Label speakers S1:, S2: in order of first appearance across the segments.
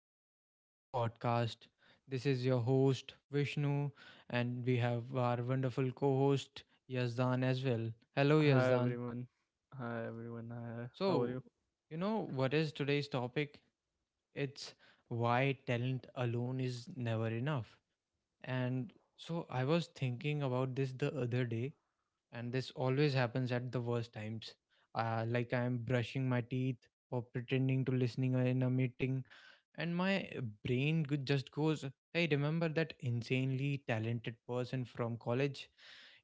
S1: Welcome back to the podcast. This is your host, Vishnu, and we have our wonderful co host, Yazdan, as well. Hello,
S2: Hi
S1: Yazdan.
S2: everyone. Hi everyone. Hi. How are
S1: So,
S2: you?
S1: you know what is today's topic? It's why talent alone is never enough. And so, I was thinking about this the other day, and this always happens at the worst times. Like I'm brushing my teeth or pretending to listening in a meeting and my just goes, hey, remember that insanely talented person from college?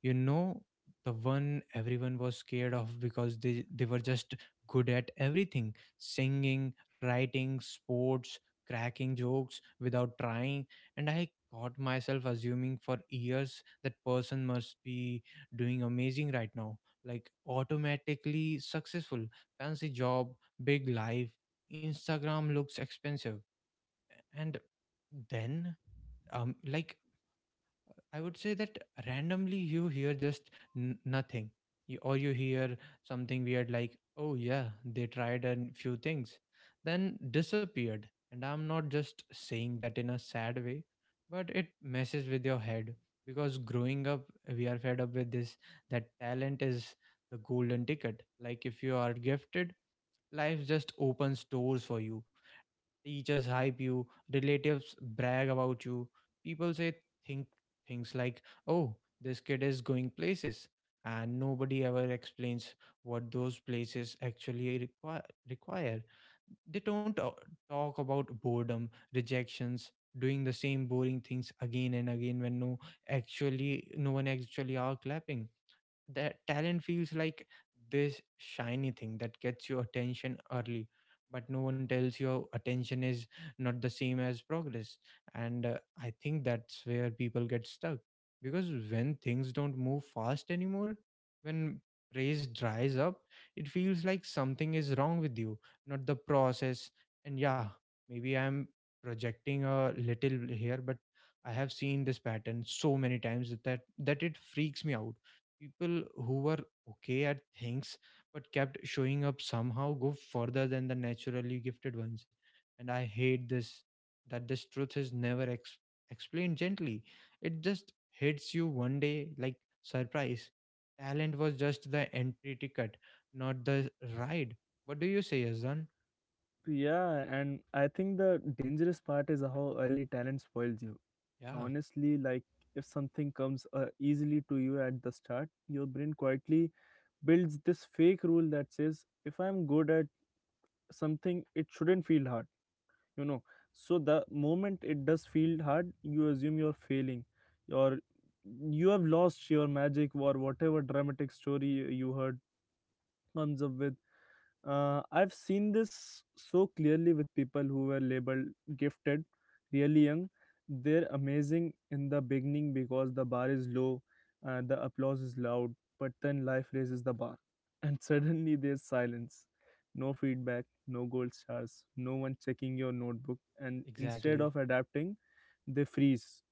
S1: You know, the one everyone was scared of because they were just good at everything: singing, writing, sports, cracking jokes without trying. And I caught myself assuming for years that person must be doing amazing right now, like automatically successful, fancy job, big life, Instagram looks expensive. And then, um like I would say that randomly you hear just nothing, or you hear something weird like, oh yeah, they tried a few things then disappeared. And I'm not just saying that in a sad way, but it messes with your head, because growing up we are fed up with this, that talent is the golden ticket. Like, if you are gifted, life just opens doors for you. Teachers hype you, relatives brag about you. People say think things like, "Oh, this kid is going places." And nobody ever explains what those places actually require. They don't talk about boredom, rejections, doing the same boring things again and again when actually no one actually are clapping. That talent feels like this shiny thing that gets your attention early, but no one tells you attention is not the same as progress. And I think that's where people get stuck, because when things don't move fast anymore, when praise dries up, it feels like something is wrong with you, not the process. And yeah, maybe I'm projecting a little here, but I have seen this pattern so many times that it freaks me out. People who were okay at things but kept showing up somehow go further than the naturally gifted ones. And I hate this, that this truth is never explained gently. It just hits you one day like, surprise, talent was just the entry ticket, not the ride. What do you say, azan?
S2: Yeah, and I think the dangerous part is how early talent spoils you.
S1: Yeah,
S2: Honestly, like if something comes easily to you at the start, your brain quietly builds this fake rule that says if I'm good at something, it shouldn't feel hard, you know. So the moment it does feel hard, you assume you're failing or you have lost your magic or whatever dramatic story you heard comes up with. I've seen this so clearly with people who were labeled gifted, really young. They're amazing in the beginning because the bar is low and the applause is loud, but then life raises the bar, and suddenly there's silence. No feedback, no gold stars, no one checking your notebook, and instead
S1: exactly.
S2: of adapting, they freeze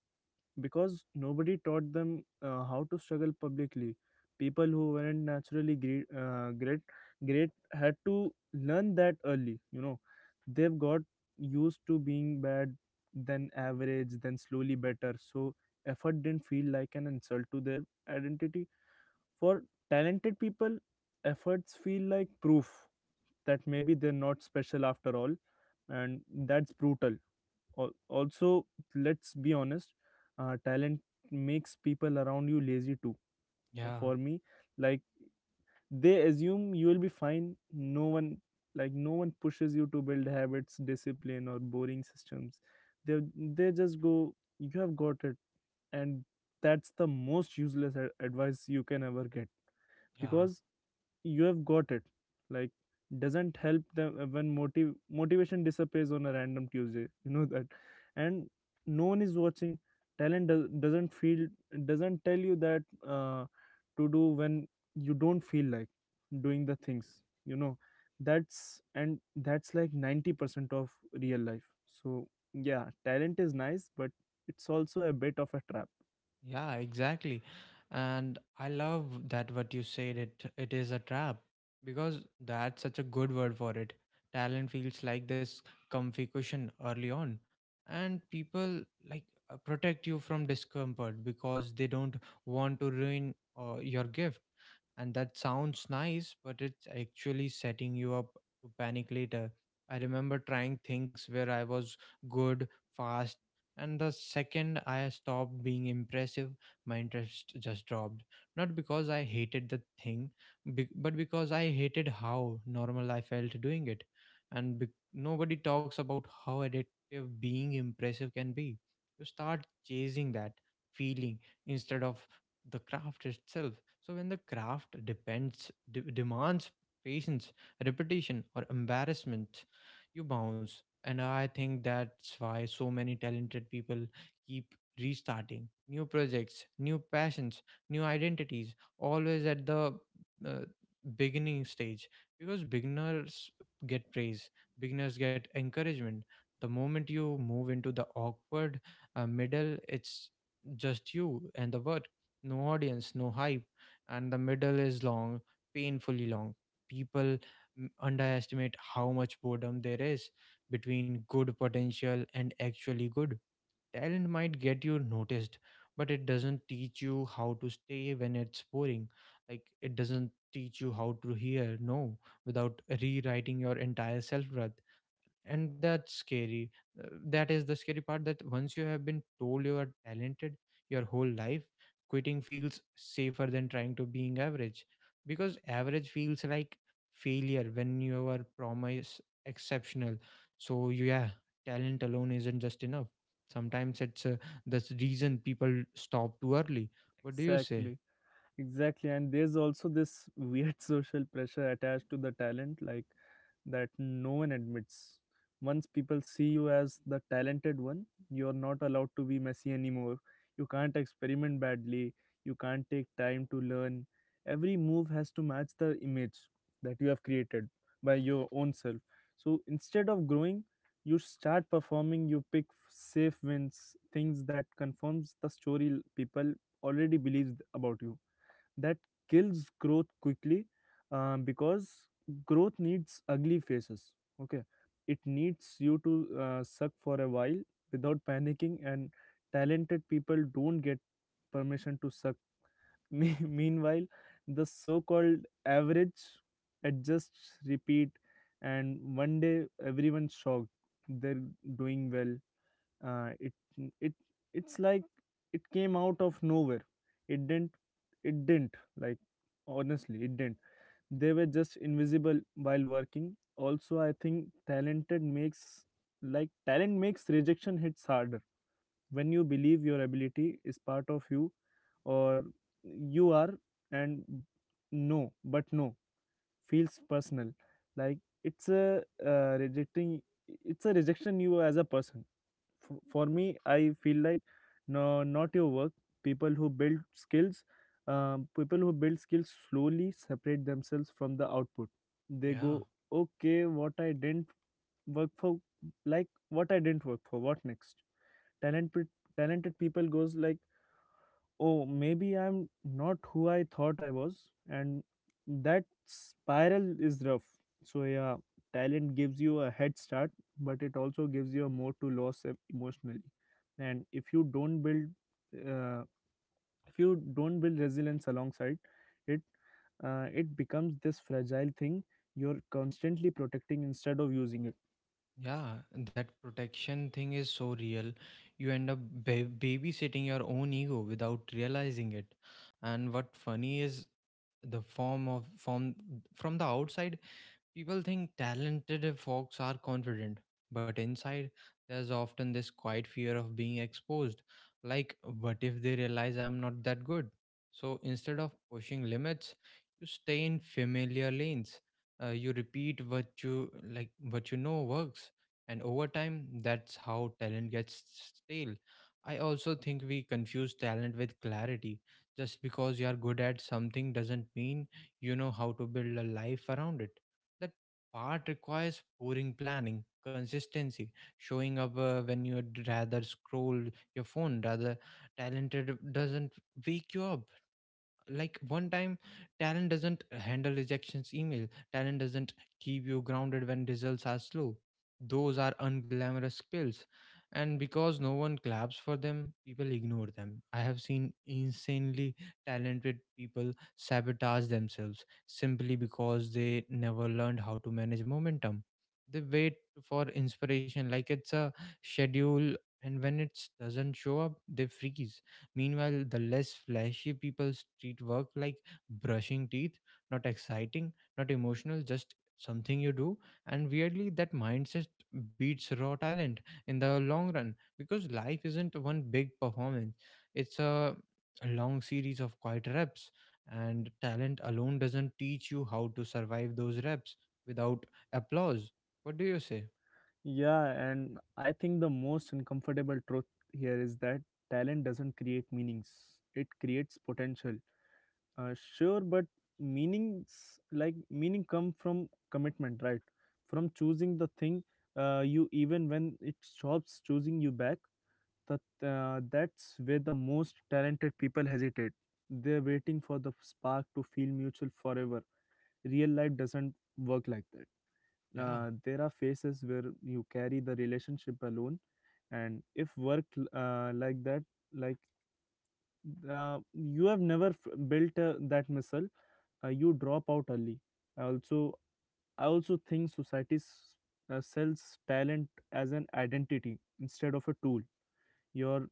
S2: because nobody taught them how to struggle publicly. People who weren't naturally great had to learn that early. You know, they've got used to being bad, then average, then slowly better. So effort didn't feel like an insult to their identity. For talented people, efforts feel like proof that maybe they're not special after all, and that's brutal. Also, let's be honest, talent makes people around you lazy too.
S1: Yeah,
S2: For me, like, they assume you will be fine. No one pushes you to build habits, discipline, or boring systems. They just go, you have got it. And that's the most useless advice you can ever get,
S1: yeah.
S2: because you have got it, like, doesn't help them when motive motivation disappears on a random Tuesday, you know that and no one is watching. Talent doesn't tell you that uh, to do when you don't feel like doing the things, you know. That's like 90% of real life. So yeah, talent is nice, but it's also a bit of a trap.
S1: Yeah, exactly. And I love that what you said, it is a trap, because that's such a good word for it. Talent feels like this comfy cushion early on, and people, like, protect you from discomfort because they don't want to ruin your gift. And that sounds nice, but it's actually setting you up to panic later. I remember trying things where I was good, fast, and the second I stopped being impressive, my interest just dropped. Not because I hated the thing, but because I hated how normal I felt doing it. And nobody talks about how addictive being impressive can be. You start chasing that feeling instead of the craft itself. So when the craft demands patience, repetition, or embarrassment, you bounce. And I think that's why so many talented people keep restarting, new projects, new passions, new identities, always at the uh, beginning stage, because beginners get praise, beginners get encouragement. The moment you move into the awkward middle, it's just you and the work, no audience, no hype. And the middle is long, painfully long. People underestimate how much boredom there is between good potential and actually good. Talent might get you noticed, but it doesn't teach you how to stay when it's boring. Like, it doesn't teach you how to hear no without rewriting your entire self, and that's scary. Uh, that is the scary part, that once you have been told you are talented your whole life, quitting feels safer than trying to being average, because average feels like failure when you are promised exceptional. So yeah, talent alone isn't just enough. Sometimes it's the reason people stop too early. What do you say?
S2: Exactly, exactly, and there's also this weird social pressure attached to the talent, like, that no one admits. Once people see you as the talented one, you're not allowed to be messy anymore. You can't experiment badly. You can't take time to learn. Every move has to match the image that you have created by your own self. So instead of growing, you start performing. You pick safe wins, things that confirms the story people already believes about you. That kills growth quickly, because growth needs ugly faces. Okay, it needs you to suck for a while without panicking, and talented people don't get permission to suck. Meanwhile, the so-called average adjusts, repeat, and one day everyone's shocked they're doing well. Uh, it it it's like it came out of nowhere. It didn't it didn't Like, honestly, it didn't. They were just invisible while working. Also, I think talent makes rejection hits harder. When you believe your ability is part of you, or you are, and no feels personal, like it's a rejecting it's a rejection you as a person. For me, I feel like no, not your work. People who build skills slowly separate themselves from the output. They
S1: Yeah.
S2: go, okay, what I didn't work for, like what I didn't work for. What next? Talented people goes like, oh, maybe I'm not who I thought I was. And that spiral is rough. So, yeah, talent gives you a head start, but it also gives you a moat to lose emotionally. And if you don't uh, build resilience alongside it, it becomes this fragile thing you're constantly protecting instead of using it.
S1: Yeah, that protection thing is so real. You end up babysitting your own ego without realizing it. And what funny is the form of from the outside, people think talented folks are confident, but inside there's often this quiet fear of being exposed. Like, what if they realize I'm not that good? So instead of pushing limits, you stay in familiar lanes. You repeat what you like, what you know works, and over time, that's how talent gets stale. I also think we confuse talent with clarity. Just because you are good at something doesn't mean you know how to build a life around it. That part requires pouring planning, consistency, showing up when you'd rather scroll your phone. Rather, talented doesn't wake you up like one time. Talent doesn't handle rejections email, talent doesn't keep you grounded when results are slow. Those are unglamorous skills, and because no one claps for them, people ignore them. I have seen insanely talented people sabotage themselves simply because they never learned how to manage momentum. They wait for inspiration like it's a schedule, and when it doesn't show up, they freeze. Meanwhile, the less flashy people treat work like brushing teeth, not exciting, not emotional, just something you do. And weirdly, that mindset beats raw talent in the long run, because life isn't one big performance, it's a long series of quiet reps. And talent alone doesn't teach you how to survive those reps without applause. What do you say?
S2: Yeah, and I think the most uncomfortable truth here is that talent doesn't create meanings. It creates potential. Sure, but meaning come from commitment, right? From choosing the thing, you, even when it stops choosing you back. That that's where the most talented people hesitate. They're waiting for the spark to feel mutual forever. Real life doesn't work like that
S1: Yeah.
S2: uh, there are phases where you carry the relationship alone. And if work like that like you have never built that muscle, you drop out early. I also I also think society sells talent as an identity instead of a tool. You're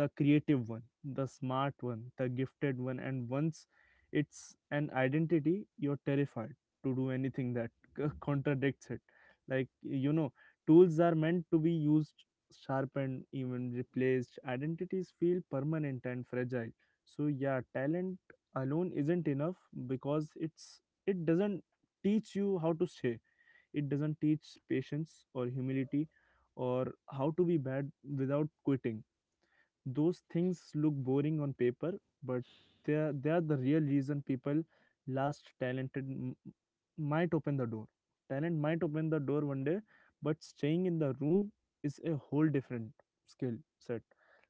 S2: the creative one, the smart one, the gifted one, and once it's an identity, you're terrified to do anything that contradicts it. Like, tools are meant to be used, sharpened, even replaced. Identities feel permanent and fragile. So yeah, talent alone isn't enough because it doesn't teach you how to stay. It doesn't teach patience or humility or how to be bad without quitting. Those things look boring on paper, but they are the real reason people last. Talented m- might open the door. Talent might open the door one day, but staying in the room is a whole different skill set.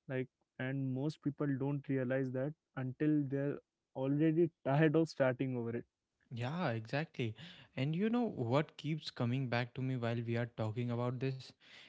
S2: Like, and most people don't realize that until they're already tired of starting over it.
S1: Yeah, exactly. And you know what keeps coming back to me while we are talking about this?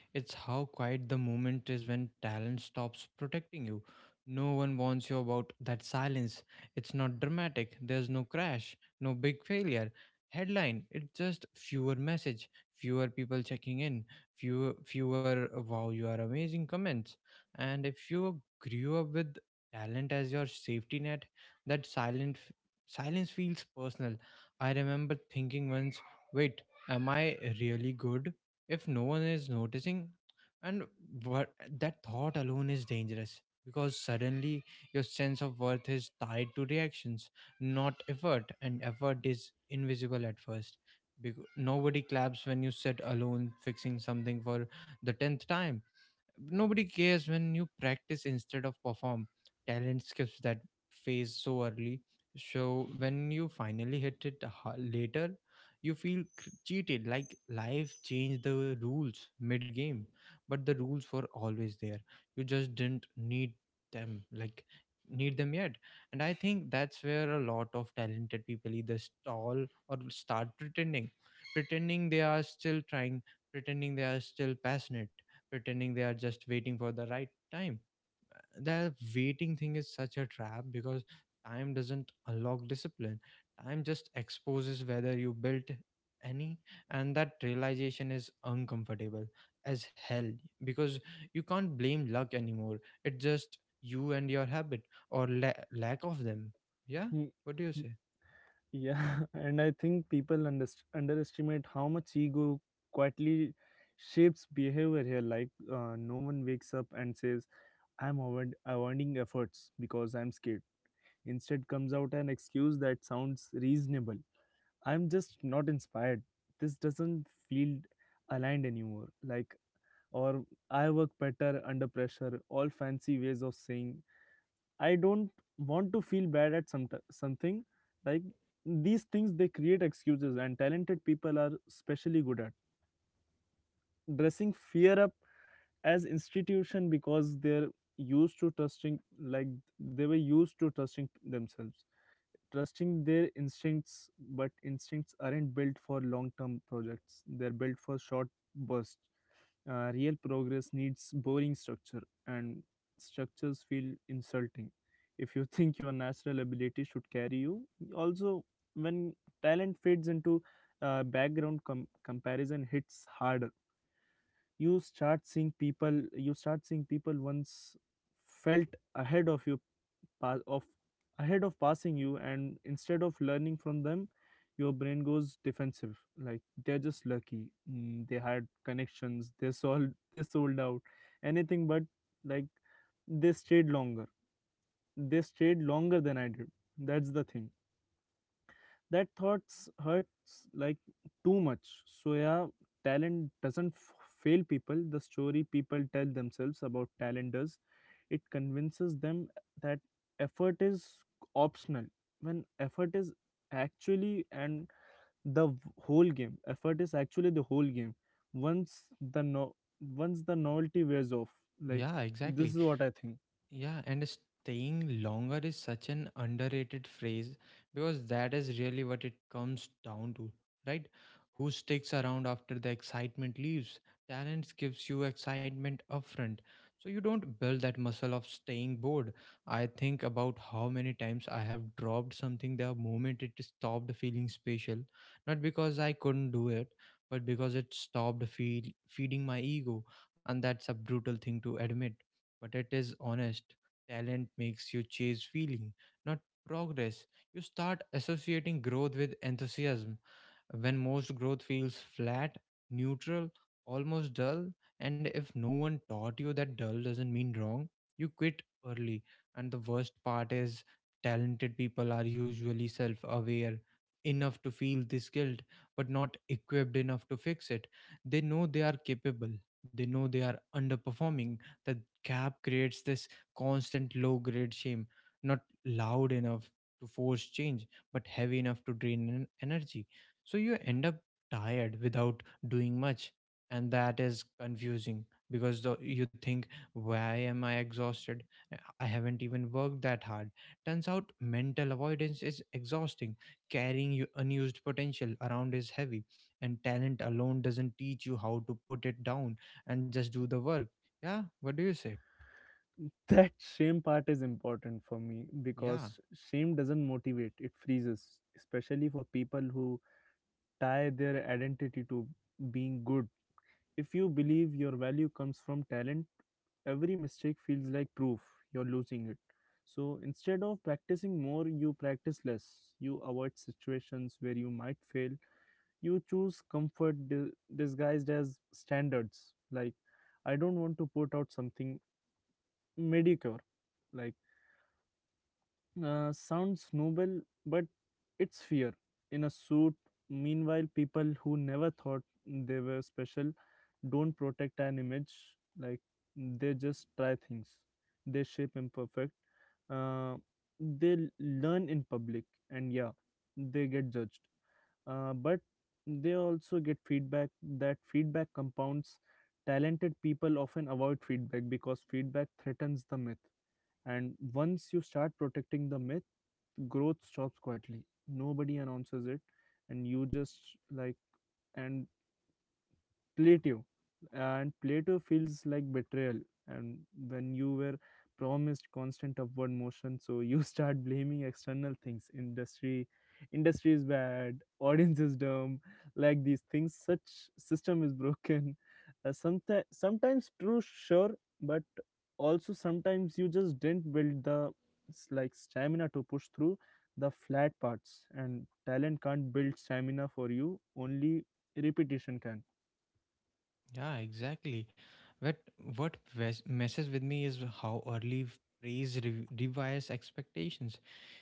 S1: It's how quiet the moment is when talent stops protecting you. No one warns you about that silence. It's not dramatic. There's no crash, no big failure. Headline, it's just fewer message, fewer people checking in, fewer wow you are amazing comments. And if you grew up with talent as your safety net, that silence feels personal. I remember thinking once, wait, am I really good if no one is noticing? And what that thought alone is dangerous, because suddenly your sense of worth is tied to reactions, not effort, and effort is invisible at first. Because nobody claps when you sit alone fixing something for the tenth time. Nobody cares when you practice instead of perform. Talent skips that phase so early. So when you finally hit it later, you feel cheated. Like life changed the rules mid game, but the rules were always there. You just didn't need them. Like, need them yet. And I think that's where a lot of talented people either stall or start pretending, pretending they are still trying, pretending they are still passionate, pretending they are just waiting for the right time. That waiting thing is such a trap, because time doesn't unlock discipline. Time just exposes whether you built any, and that realization is uncomfortable as hell, because you can't blame luck anymore. It's just you and your habit or lack of them. Yeah, what do you say?
S2: Yeah, and I think people underestimate how much ego quietly shapes behavior here. Like, no one wakes up and says, I'm avoiding efforts because I'm scared. Instead, comes out an excuse that sounds reasonable. I'm just not inspired. This doesn't feel aligned anymore. Or, I work better under pressure, all fancy ways of saying I don't want to feel bad at some something. Like, these things, they create excuses, and talented people are especially good at dressing fear up as institution, because they're used to trusting like they were used to trusting themselves, trusting their instincts, but instincts aren't built for long term projects, they're built for short bursts. Real progress needs boring structure, and structures feel insulting if you think your natural ability should carry you. Also, when talent fades into background, comparison hits harder. You start seeing people once felt ahead of you, pa- of ahead of passing you, and instead of learning from them your brain goes defensive, like, they're just lucky, they had connections, they sold out, anything but, like, they stayed longer they stayed longer than I did. That's the thing. That thoughts hurts like too much. So yeah, talent doesn't fail people, the story people tell themselves about talent does. It convinces them that effort is optional when effort is actually and the v- whole game effort is actually the whole game, once the no once the novelty wears off. Like,
S1: Yeah,
S2: this
S1: exactly.
S2: is what I think.
S1: Yeah, and staying longer is such an underrated phrase, because that is really what it comes down to, right? Who sticks around after the excitement leaves? Talents gives you excitement upfront. So you don't build that muscle of staying bored. I think about how many times I have dropped something the moment it stopped feeling special, not because I couldn't do it, but because it stopped feeding my ego, and that's a brutal thing to admit, but it is honest. Talent makes you chase feeling, not progress. You start associating growth with enthusiasm when most growth feels flat, neutral, almost dull, and if no one taught you that dull doesn't mean wrong, you quit early. And the worst part is, talented people are usually self aware enough to feel this guilt, but not equipped enough to fix it. They know they are capable, they know they are underperforming. The gap creates this constant low grade shame, not loud enough to force change, but heavy enough to drain energy, so you end up tired without doing much. And that is confusing because you think, why am I exhausted? I haven't even worked that hard. Turns out mental avoidance is exhausting. Carrying your unused potential around is heavy, and talent alone doesn't teach you how to put it down and just do the work. Yeah, what do you say?
S2: That shame part is important for me
S1: Yeah,
S2: because shame doesn't motivate, it freezes, especially for people who tie their identity to being good. If you believe your value comes from talent, every mistake feels like proof you're losing it. So instead of practicing more, you practice less. You avoid situations where you might fail. You choose comfort disguised as standards. Like, I don't want to put out something mediocre. Like, uh, sounds noble, but it's fear. In a suit, meanwhile, people who never thought they were special don't protect an image. Like, they just try things. They shape imperfect. Uh, they learn in public, and yeah, they get judged, but they also get feedback. That feedback compounds. Talented people often avoid feedback because feedback threatens the myth, and once you start protecting the myth, growth stops quietly. Nobody announces it, and you just like, and Plato Plato feels like betrayal. And when you were promised constant upward motion, so you start blaming external things. Industry is bad. Audience is dumb. Like, these things, such system is broken. Sometimes, true, sure, but also sometimes you just didn't build the stamina to push through the flat parts. And talent can't build stamina for you, only repetition can.
S1: yeah, Exactly. But what messes with me is how early praise rewires expectations.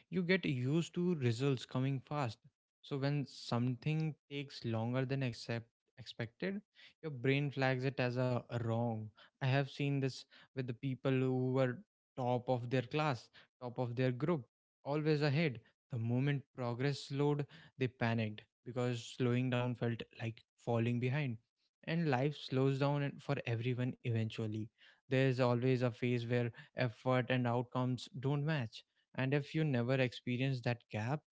S1: You get used to results coming fast. So when something takes longer than expected, your brain flags it as a wrong. I have seen this with the people who were top of their class, top of their group, always ahead. The moment progress slowed, they panicked because slowing down felt like falling behind. And life slows down for everyone eventually. There's always a phase where effort and outcomes don't match, and if you never experience that gap,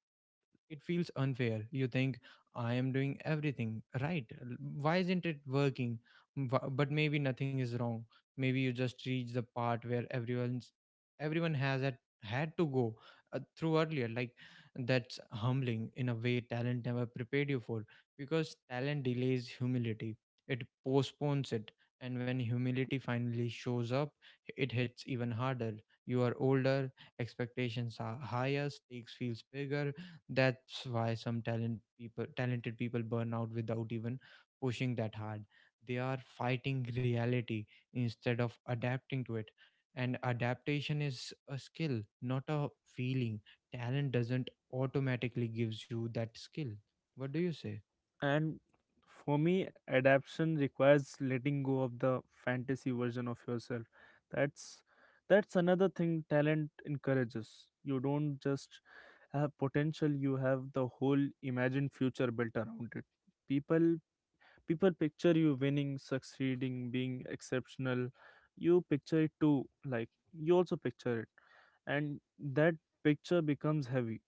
S1: it feels unfair. You think, I am doing everything right. Why isn't it working? But maybe nothing is wrong. Maybe you just reach the part where everyone's everyone has had had to go through earlier. Like, that's humbling in a way talent never prepared you for, because talent delays humility. It postpones it. And when humility finally shows up, it hits even harder. You are older, expectations are higher, stakes feels bigger. That's why some talented people burn out without even pushing that hard. They are fighting reality instead of adapting to it. And adaptation is a skill, not a feeling. Talent doesn't automatically gives you that skill. What do you say?
S2: And for me, adaptation requires letting go of the fantasy version of yourself. That's that's another thing talent encourages. You don't just have potential, you have the whole imagined future built around it. People people picture you winning, succeeding, being exceptional. You picture it too. like you also picture it, and that picture becomes heavy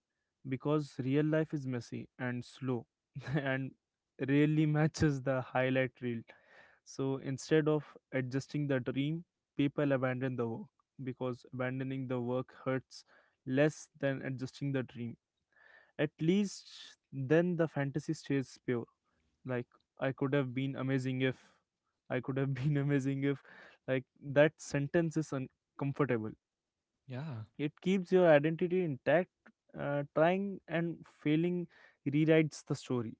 S2: because real life is messy and slow and rarely matches the highlight reel. So instead of adjusting the dream, people abandon the work, because abandoning the work hurts less than adjusting the dream. At least then the fantasy stays pure. Like, I could have been amazing if, I could have been amazing if. Like, that sentence is uncomfortable.
S1: Yeah,
S2: It keeps your identity intact. Trying and failing rewrites the story.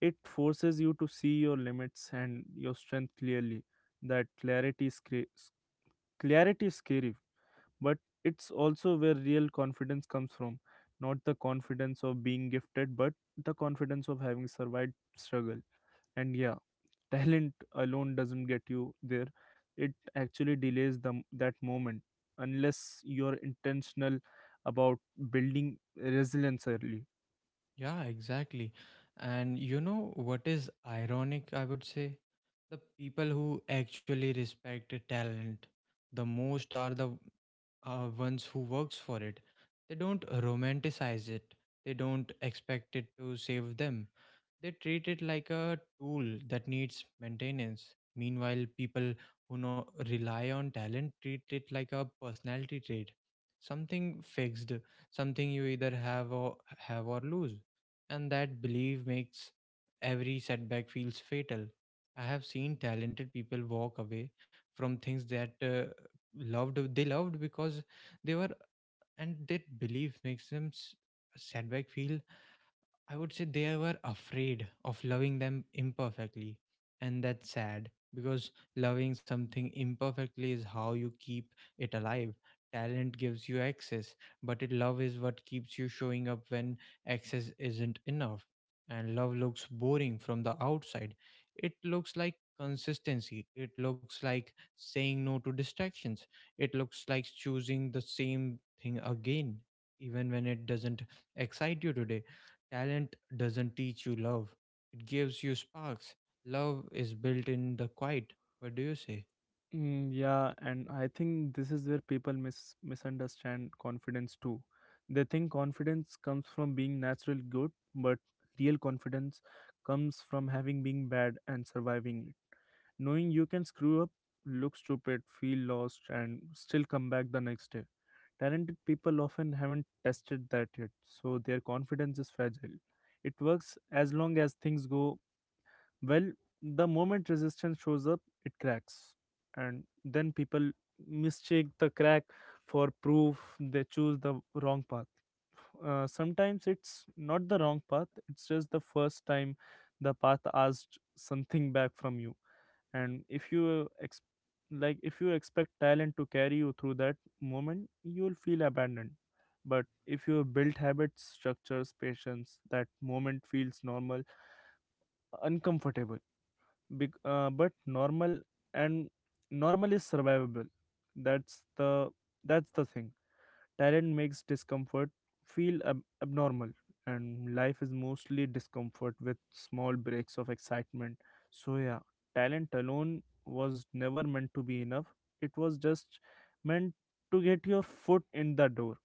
S2: It forces you to see your limits and your strength clearly. That clarity is scary, but it's also where real confidence comes from. Not the confidence of being gifted, but the confidence of having survived struggle. And yeah, talent alone doesn't get you there. It actually delays them that moment, unless you're intentional about building resilience early.
S1: yeah, exactly. And you know what is ironic, I would say? The people who actually respect the talent the most are the ones who works for it. They don't romanticize it. They don't expect it to save them. They treat it like a tool that needs maintenance. Meanwhile, people who no rely on talent treat it like a personality trait, something fixed, something you either have or lose. And that belief makes every setback feels fatal. I have seen talented people walk away from things that loved they loved, because they were and that belief makes them s- setback feel I would say they were afraid of loving them imperfectly. And that's sad, because loving something imperfectly is how you keep it alive. Talent gives you access, but love is what keeps you showing up when access isn't enough. And love looks boring from the outside. It looks like consistency. It looks like saying no to distractions. It looks like choosing the same thing again, even when it doesn't excite you today. Talent doesn't teach you love, it gives you sparks. Love is built in the quiet. What do you say?
S2: Yeah, and I think this is where people misunderstand confidence too. They think confidence comes from being natural good, but real confidence comes from having been bad and surviving. Knowing you can screw up, look stupid, feel lost, and still come back the next day. Talented people often haven't tested that yet, so their confidence is fragile. It works as long as things go well. The moment resistance shows up, it cracks, and then people mistake the crack for proof they choose the wrong path. Sometimes it's not the wrong path, it's just the first time the path asked something back from you. And if like if you expect talent to carry you through that moment, you'll feel abandoned. But if you build habits, structures, patience, that moment feels normal. Uncomfortable, big, but normal. And normal is survivable. that's the that's the thing. Talent makes discomfort feel abnormal, and life is mostly discomfort with small breaks of excitement. So, yeah, talent alone was never meant to be enough, it was just meant to get your foot in the door.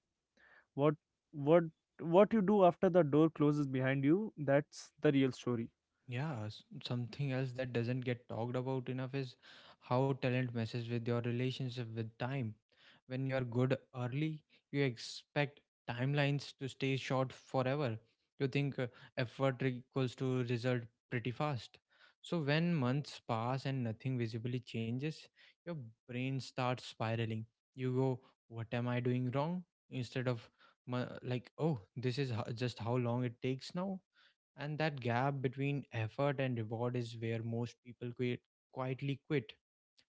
S2: What, what, what you do after the door closes behind you, that's the real story.
S1: Something else that doesn't get talked about enough is how talent messes with your relationship with time. When you're good early, you expect timelines to stay short forever. You think effort equals to result pretty fast. So when months pass and nothing visibly changes, your brain starts spiraling. You go, "What am I doing wrong?" instead of like, "Oh, this is just how long it takes now." And that gap between effort and reward is where most people quit, quietly quit,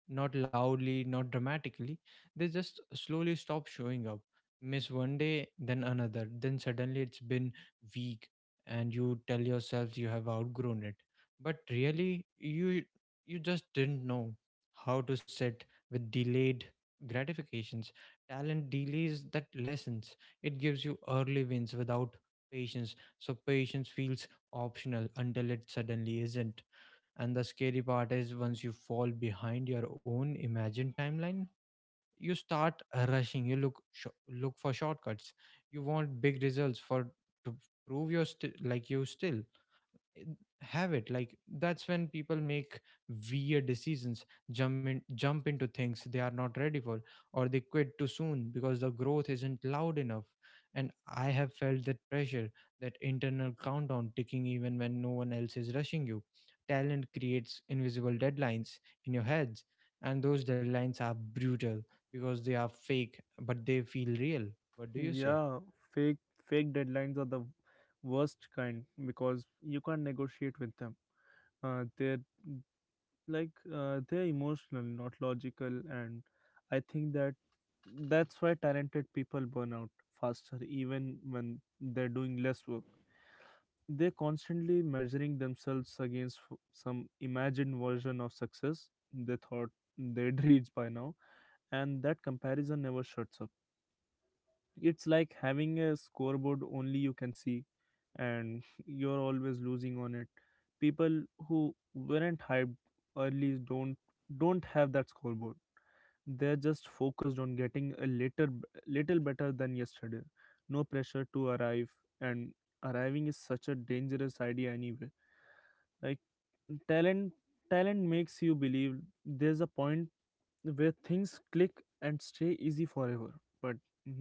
S1: not loudly, not dramatically. They just slowly stop showing up. Miss one day, then another, then suddenly it's been week, and you tell yourself you have outgrown it. But really, you just didn't know how to sit with delayed gratifications. Talent delays that lessons. It gives you early wins without patience. So patience feels optional until it suddenly isn't. And the scary part is, once you fall behind your own imagined timeline, you start rushing. You look look for shortcuts. You want big results for to prove your like you still have it. Like that's when people make weird decisions, jump into things they are not ready for, or they quit too soon because the growth isn't loud enough. And I have felt that pressure, that internal countdown ticking even when no one else is rushing you. Talent creates invisible deadlines in your heads, and those deadlines are brutal because they are fake but they feel real. What do you say?
S2: Yeah, fake fake deadlines are the worst kind because you can't negotiate with them. Uh, they're they're emotional, not logical. And I think that's why talented people burn out faster, even when they're doing less work. They're constantly measuring themselves against some imagined version of success they thought they'd reach by now, and that comparison never shuts up. It's like having a scoreboard only you can see, and you're always losing on it. People who weren't hyped early don't have that scoreboard. They're just focused on getting a little better than yesterday. No pressure to arrive. And arriving is such a dangerous idea anyway. Like, talent talent makes you believe there's a point where things click and stay easy forever, but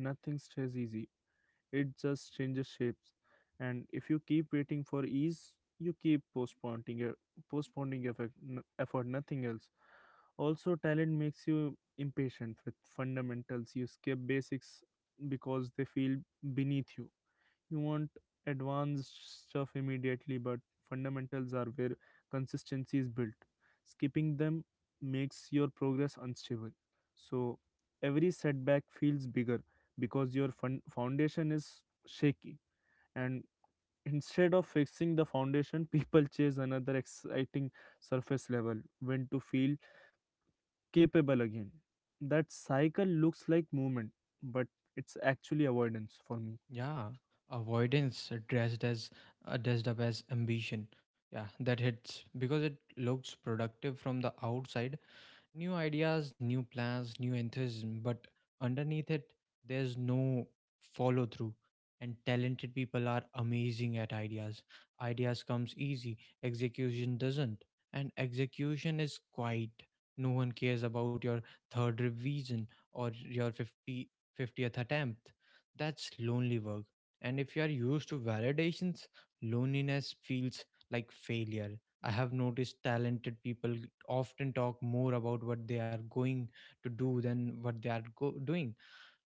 S2: nothing stays easy. It just changes shapes. And if you keep waiting for ease, you keep postponing your effort, nothing else. Also, talent makes you impatient with fundamentals. You skip basics because they feel beneath you. You want advanced stuff immediately, but fundamentals are where consistency is built. Skipping them makes your progress unstable, so every setback feels bigger because your foundation is shaky. And instead of fixing the foundation, people chase another exciting surface level when to feel capable again. That cycle looks like movement, but it's actually avoidance for me.
S1: Yeah, avoidance dressed up as ambition. Yeah, that hits because it looks productive from the outside: new ideas, new plans, new enthusiasm, but underneath it, there's no follow through. And talented people are amazing at ideas. Ideas comes easy, execution doesn't. And execution is quiet. No one cares about your third revision or your 50-50th attempt. That's lonely work. And if you are used to validations, loneliness feels like failure. I have noticed talented people often talk more about what they are going to do than what they are doing,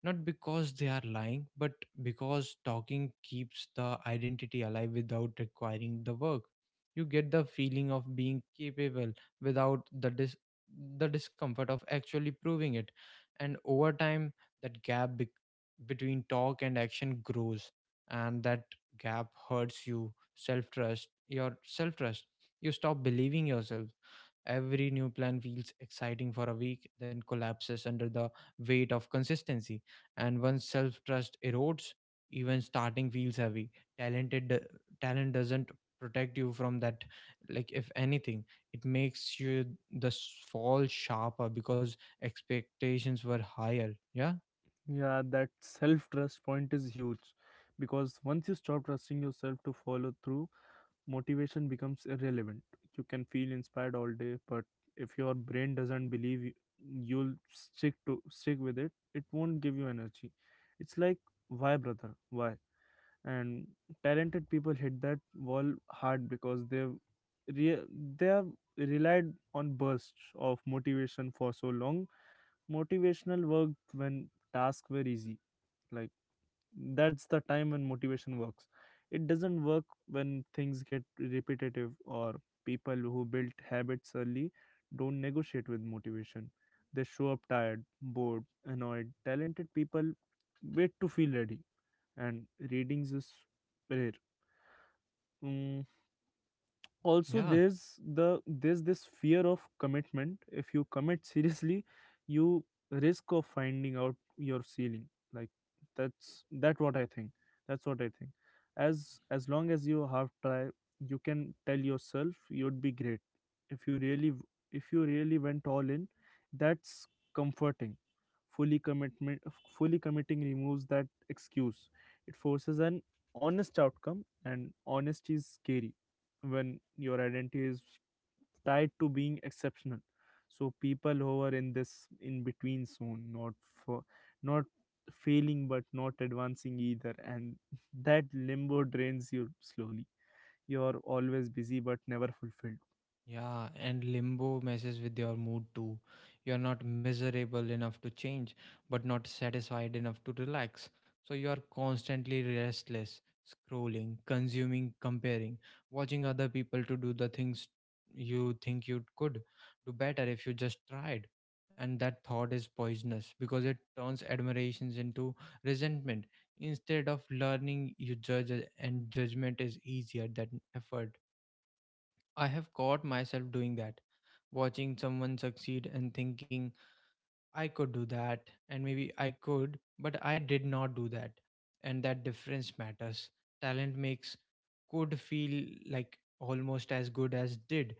S1: not because they are lying, but because talking keeps the identity alive without requiring the work. You get the feeling of being capable without the discomfort of actually proving it. And over time, that gap bec between talk and action grows, and that gap hurts your self trust. You stop believing yourself. Every new plan feels exciting for a week, then collapses under the weight of consistency. And once self trust erodes, even starting feels heavy. Talented talent doesn't protect you from that. Like, if anything, it makes you fall sharper because expectations were higher. Yeah,
S2: Yeah, that self trust point is huge, because once you stop trusting yourself to follow through, motivation becomes irrelevant. You can feel inspired all day, but if your brain doesn't believe you, you'll stick with it, it won't give you energy. It's like, why brother? Why? And talented people hit that wall hard because re- they have relied on bursts of motivation for so long. Motivational worked when tasks were easy. Like, that's the time when motivation works. It doesn't work when things get repetitive. Or people who built habits early don't negotiate with motivation. They show up tired, bored, annoyed. Talented people wait to feel ready, and readings is rare. Mm, Also,
S1: yeah.
S2: there's this fear of commitment. If you commit seriously, you risk of finding out your ceiling. Like, that's that what i think that's what I think. As long as you have try, you can tell yourself you'd be great if you really if you really went all in. That's comforting. Fully commitment fully committing removes that excuse. It forces an honest outcome, and honesty is scary when your identity is tied to being exceptional. So people who are in this in between zone, for not failing but not advancing either, and that limbo drains you slowly. You're always busy but never fulfilled.
S1: Yeah, and limbo messes with your mood too. You're not miserable enough to change, but not satisfied enough to relax. So you are constantly restless, scrolling, consuming, comparing, watching other people to do the things you think you could do better if you just tried. And that thought is poisonous, because it turns admirations into resentment. Instead of learning, you judge, and judgment is easier than effort. I have caught myself doing that, watching someone succeed and thinking, I could do that, and maybe I could, but I did not do that. And that difference matters. Talent makes could feel like almost as good as did,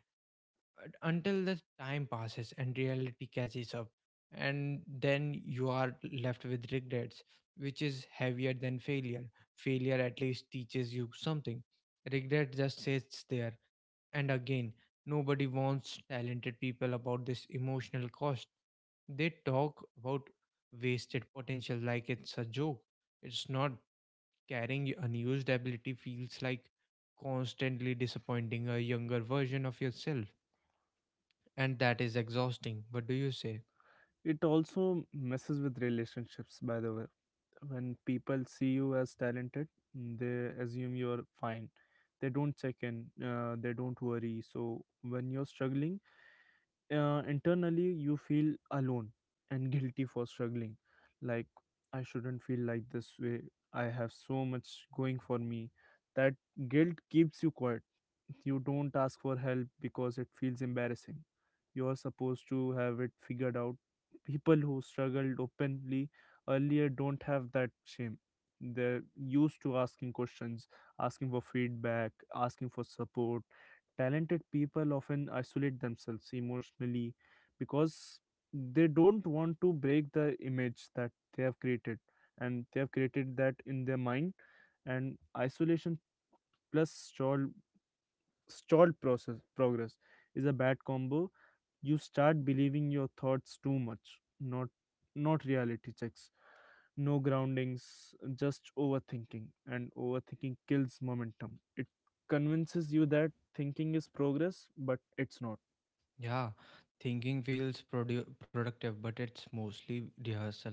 S1: until the time passes and reality catches up, and then you are left with regrets, which is heavier than failure. Failure at least teaches you something, regret just sits there. And again, nobody warns talented people about this emotional cost. They talk about wasted potential like it's a joke. It's not. Carrying unused ability feels like constantly disappointing a younger version of yourself, and that is exhausting. What do you say?
S2: It also messes with relationships, by the way. When people see you as talented, they assume you're fine. They don't check in, they don't worry. So when you're struggling internally, you feel alone and guilty for struggling. Like, I shouldn't feel like this way. I have so much going for me. That guilt keeps you quiet. You don't ask for help because it feels embarrassing. You are supposed to have it figured out. People who struggled openly earlier don't have that shame. They're used to asking questions, asking for feedback, asking for support. Talented people often isolate themselves emotionally because they don't want to break the image that they have created, and they have created that in their mind. And isolation plus stalled stalled process progress is a bad combo. You start believing your thoughts too much. Not not reality checks, no groundings, just overthinking. And overthinking kills momentum. It convinces you that thinking is progress, but it's not.
S1: Yeah, thinking feels productive, but it's mostly rehearsal.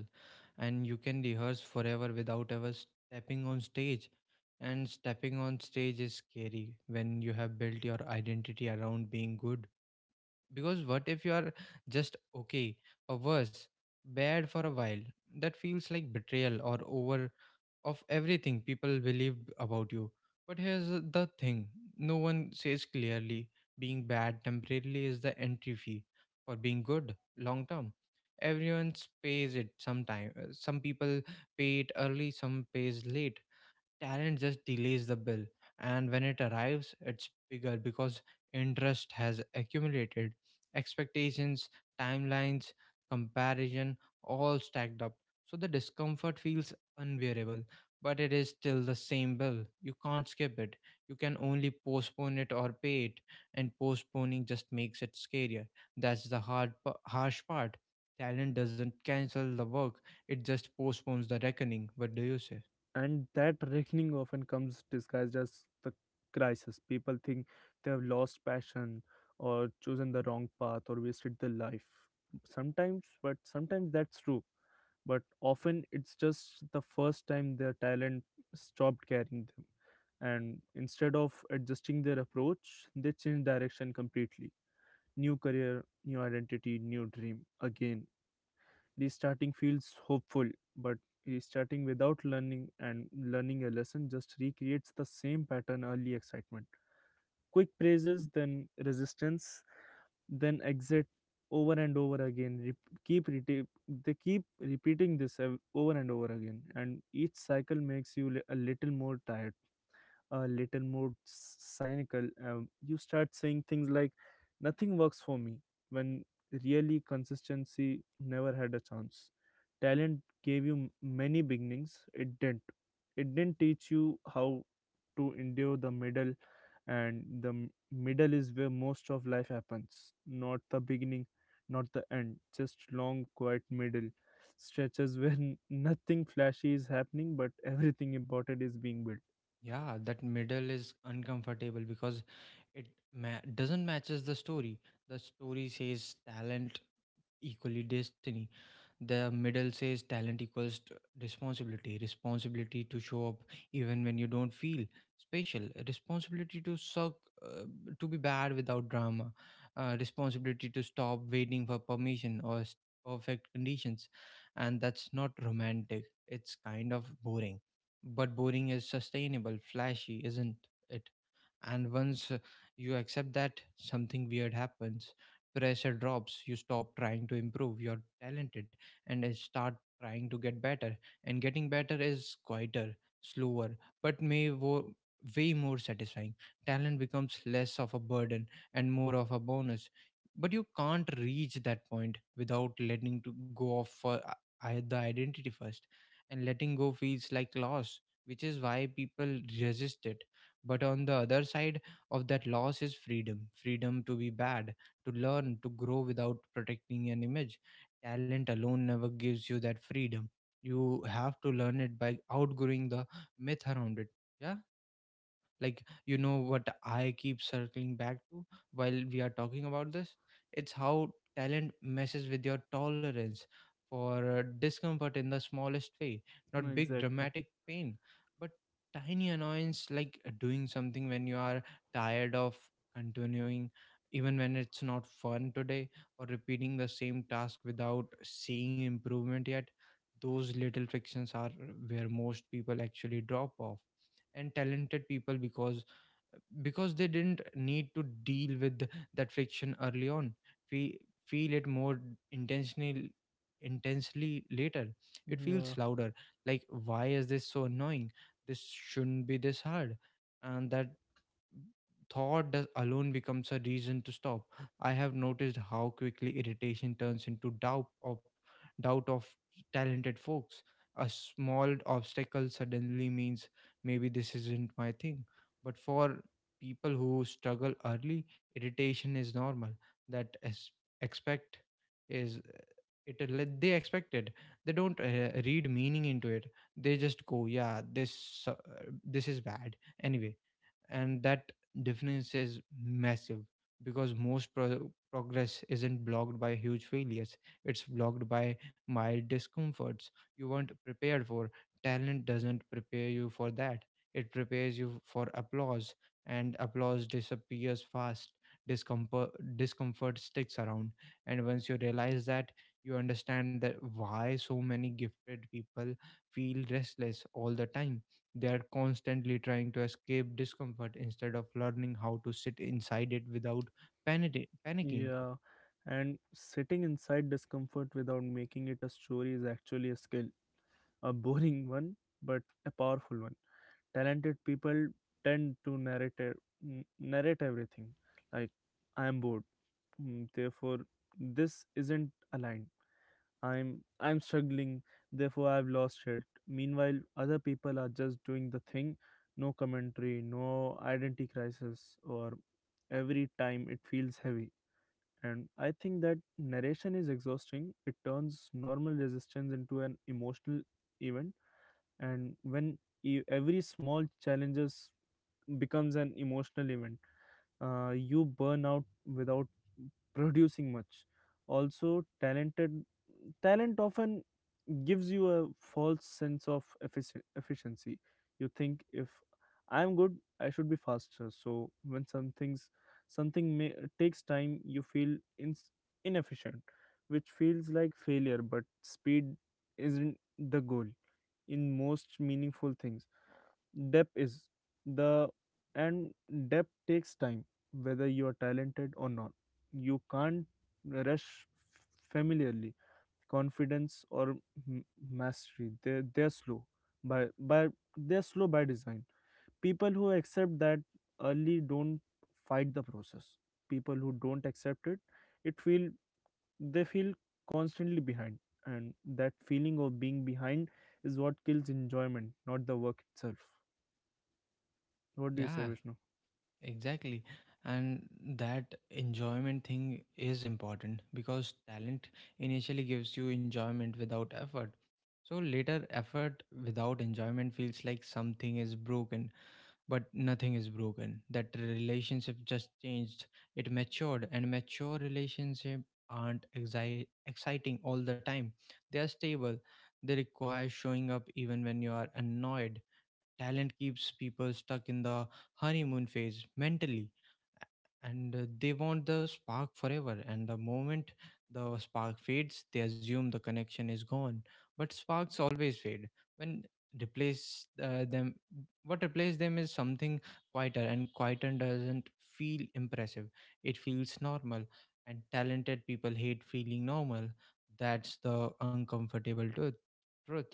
S1: And you can rehearse forever without ever stepping on stage. And stepping on stage is scary when you have built your identity around being good. Because what if you are just okay, or worse, bad for a while? That feels like betrayal or over of everything people believed about you. But here's the thing no one says clearly: being bad temporarily is the entry fee for being good long term. Everyone pays it sometime. Some people pay it early, some pays late. Talent just delays the bill, and when it arrives, it's bigger because interest has accumulated. Expectations, timelines, comparison, all stacked up. So the discomfort feels unbearable, but it is still the same bill. You can't skip it. You can only postpone it or pay it, and postponing just makes it scarier. That's the hard, harsh part. Talent doesn't cancel the work, it just postpones the reckoning. What do you say?
S2: And that reckoning often comes disguised as the crisis. People think they have lost passion or chosen the wrong path or wasted their life. Sometimes, but sometimes that's true, but often it's just the first time their talent stopped carrying them. And instead of adjusting their approach, they change direction completely. New career, new identity, new dream again. Restarting feels hopeful, but restarting without learning a lesson just recreates the same pattern. Early excitement, quick praises, then resistance, then exit, over and over again. They keep repeating this over and over again, and each cycle makes a little more tired, a cynical. You start saying things like, "Nothing works for me," when really consistency never had a chance. Talent gave many beginnings. It didn't teach you how to endure the middle. And middle is where most of life happens. Not the beginning, not the end, just long quiet middle stretches where nothing flashy is happening but everything important is being built.
S1: Yeah, that middle is uncomfortable because it doesn't matches the story. The story says talent equally destiny. The middle says talent equals responsibility, responsibility to show up even when you don't feel special, responsibility to suck, uh, to be bad without drama, responsibility to stop waiting for permission or perfect conditions. And that's not romantic, it's kind of boring. But boring is sustainable, flashy, isn't it? And once you accept that, something weird happens. Pressure drops, you stop trying to improve, you're talented, and start trying to get better. And getting better is quieter, slower, but way more satisfying. Talent becomes less of a burden and more of a bonus. But you can't reach that point without letting to go of the identity first. And letting go feels like loss, which is why people resist it, but on the other side of that loss is freedom, freedom to be bad, to learn, to grow without protecting an image. Talent alone never gives you that freedom. You have to learn it by outgrowing the myth around it. Yeah. Like, you know what I keep circling back to while we are talking about this? It's how talent messes with your tolerance for discomfort in the smallest way, not big
S2: Exactly.
S1: dramatic pain, but tiny annoyance, like doing something when you are tired of continuing, even when it's not fun today, or repeating the same task without seeing improvement yet. Those little frictions are where most people actually drop off. And talented people, because they didn't need to deal with that friction early on, we feel it more intentionally intensely later. It feels
S2: Yeah,
S1: louder, like, why is this so annoying, this shouldn't be this hard. And that thought does alone becomes a reason to stop. I have noticed how quickly irritation turns into doubt of talented folks. A small obstacle suddenly means maybe this isn't my thing. But for people who struggle early, irritation is normal. That is expect is it let- they expect it. They don't read meaning into it. They just go, yeah, this this is bad anyway. And that difference is massive because most progress isn't blocked by huge failures, it's blocked by mild discomforts you weren't prepared for. Talent doesn't prepare you for that, it prepares you for applause, and applause disappears fast. discomfort Discomfort sticks around. And once you realize that, you understand that why so many gifted people feel restless all the time. They are constantly trying to escape discomfort instead of learning how to sit inside it without panicking.
S2: yeah and sitting inside discomfort without making it a story is actually a skill. A boring one, but a powerful one. Talented people tend to narrate everything. Like, I am bored, mm, therefore this isn't aligned. I'm struggling, therefore I've lost it. Meanwhile, other people are just doing the thing. No commentary, no identity crisis, or every time it feels heavy. And I think that narration is exhausting. It turns normal resistance into an emotional event. And when every small challenges becomes an emotional event, you burn out without producing much. Also, talent often gives you a false sense of efficiency. You think, if I'm good, I should be faster. So when something may, takes time, you feel ins inefficient, which feels like failure. But speed isn't the goal. In most meaningful things, depth is the and depth takes time. Whether you are talented or not, you can't rush familiarly, confidence, or m- mastery. By by they're slow by design. People who accept that early don't fight the process. People who don't accept it it feel they feel constantly behind. And that feeling of being behind is what kills enjoyment, not the work itself. What do you say,
S1: Yeah,
S2: Vishnu?
S1: exactly. And that enjoyment thing is important because talent initially gives you enjoyment without effort. So later, effort without enjoyment feels like something is broken. But nothing is broken. That relationship just changed. It matured, and mature relationships aren't exciting all the time. They are stable. They require showing up even when you are annoyed. Talent keeps people stuck in the honeymoon phase mentally, and they want the spark forever. And the moment the spark fades, they assume the connection is gone. But sparks always fade. When replace them, what replaces them is something quieter, and quieter doesn't feel impressive. It feels normal, and talented people hate feeling normal. That's the uncomfortable truth.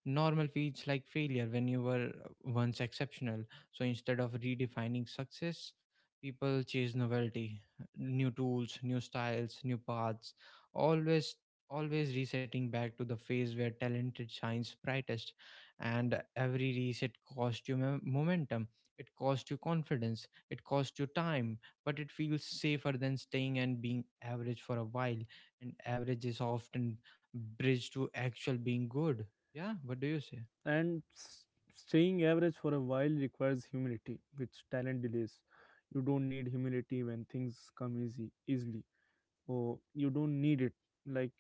S1: Normal feels like failure when you were once exceptional. So instead of redefining success, people chase novelty, new tools, new styles, new paths, always always resetting back to the phase where talented shines brightest. And every reset cost you momentum, it cost you confidence, it cost you time, but it feels safer than staying and being average for a while. And average is often bridged to actual being good. Yeah, what do you say?
S2: And staying average for a while requires humility, which talent delays. You don't need humility when things come easy, easily, or you don't need it. Like,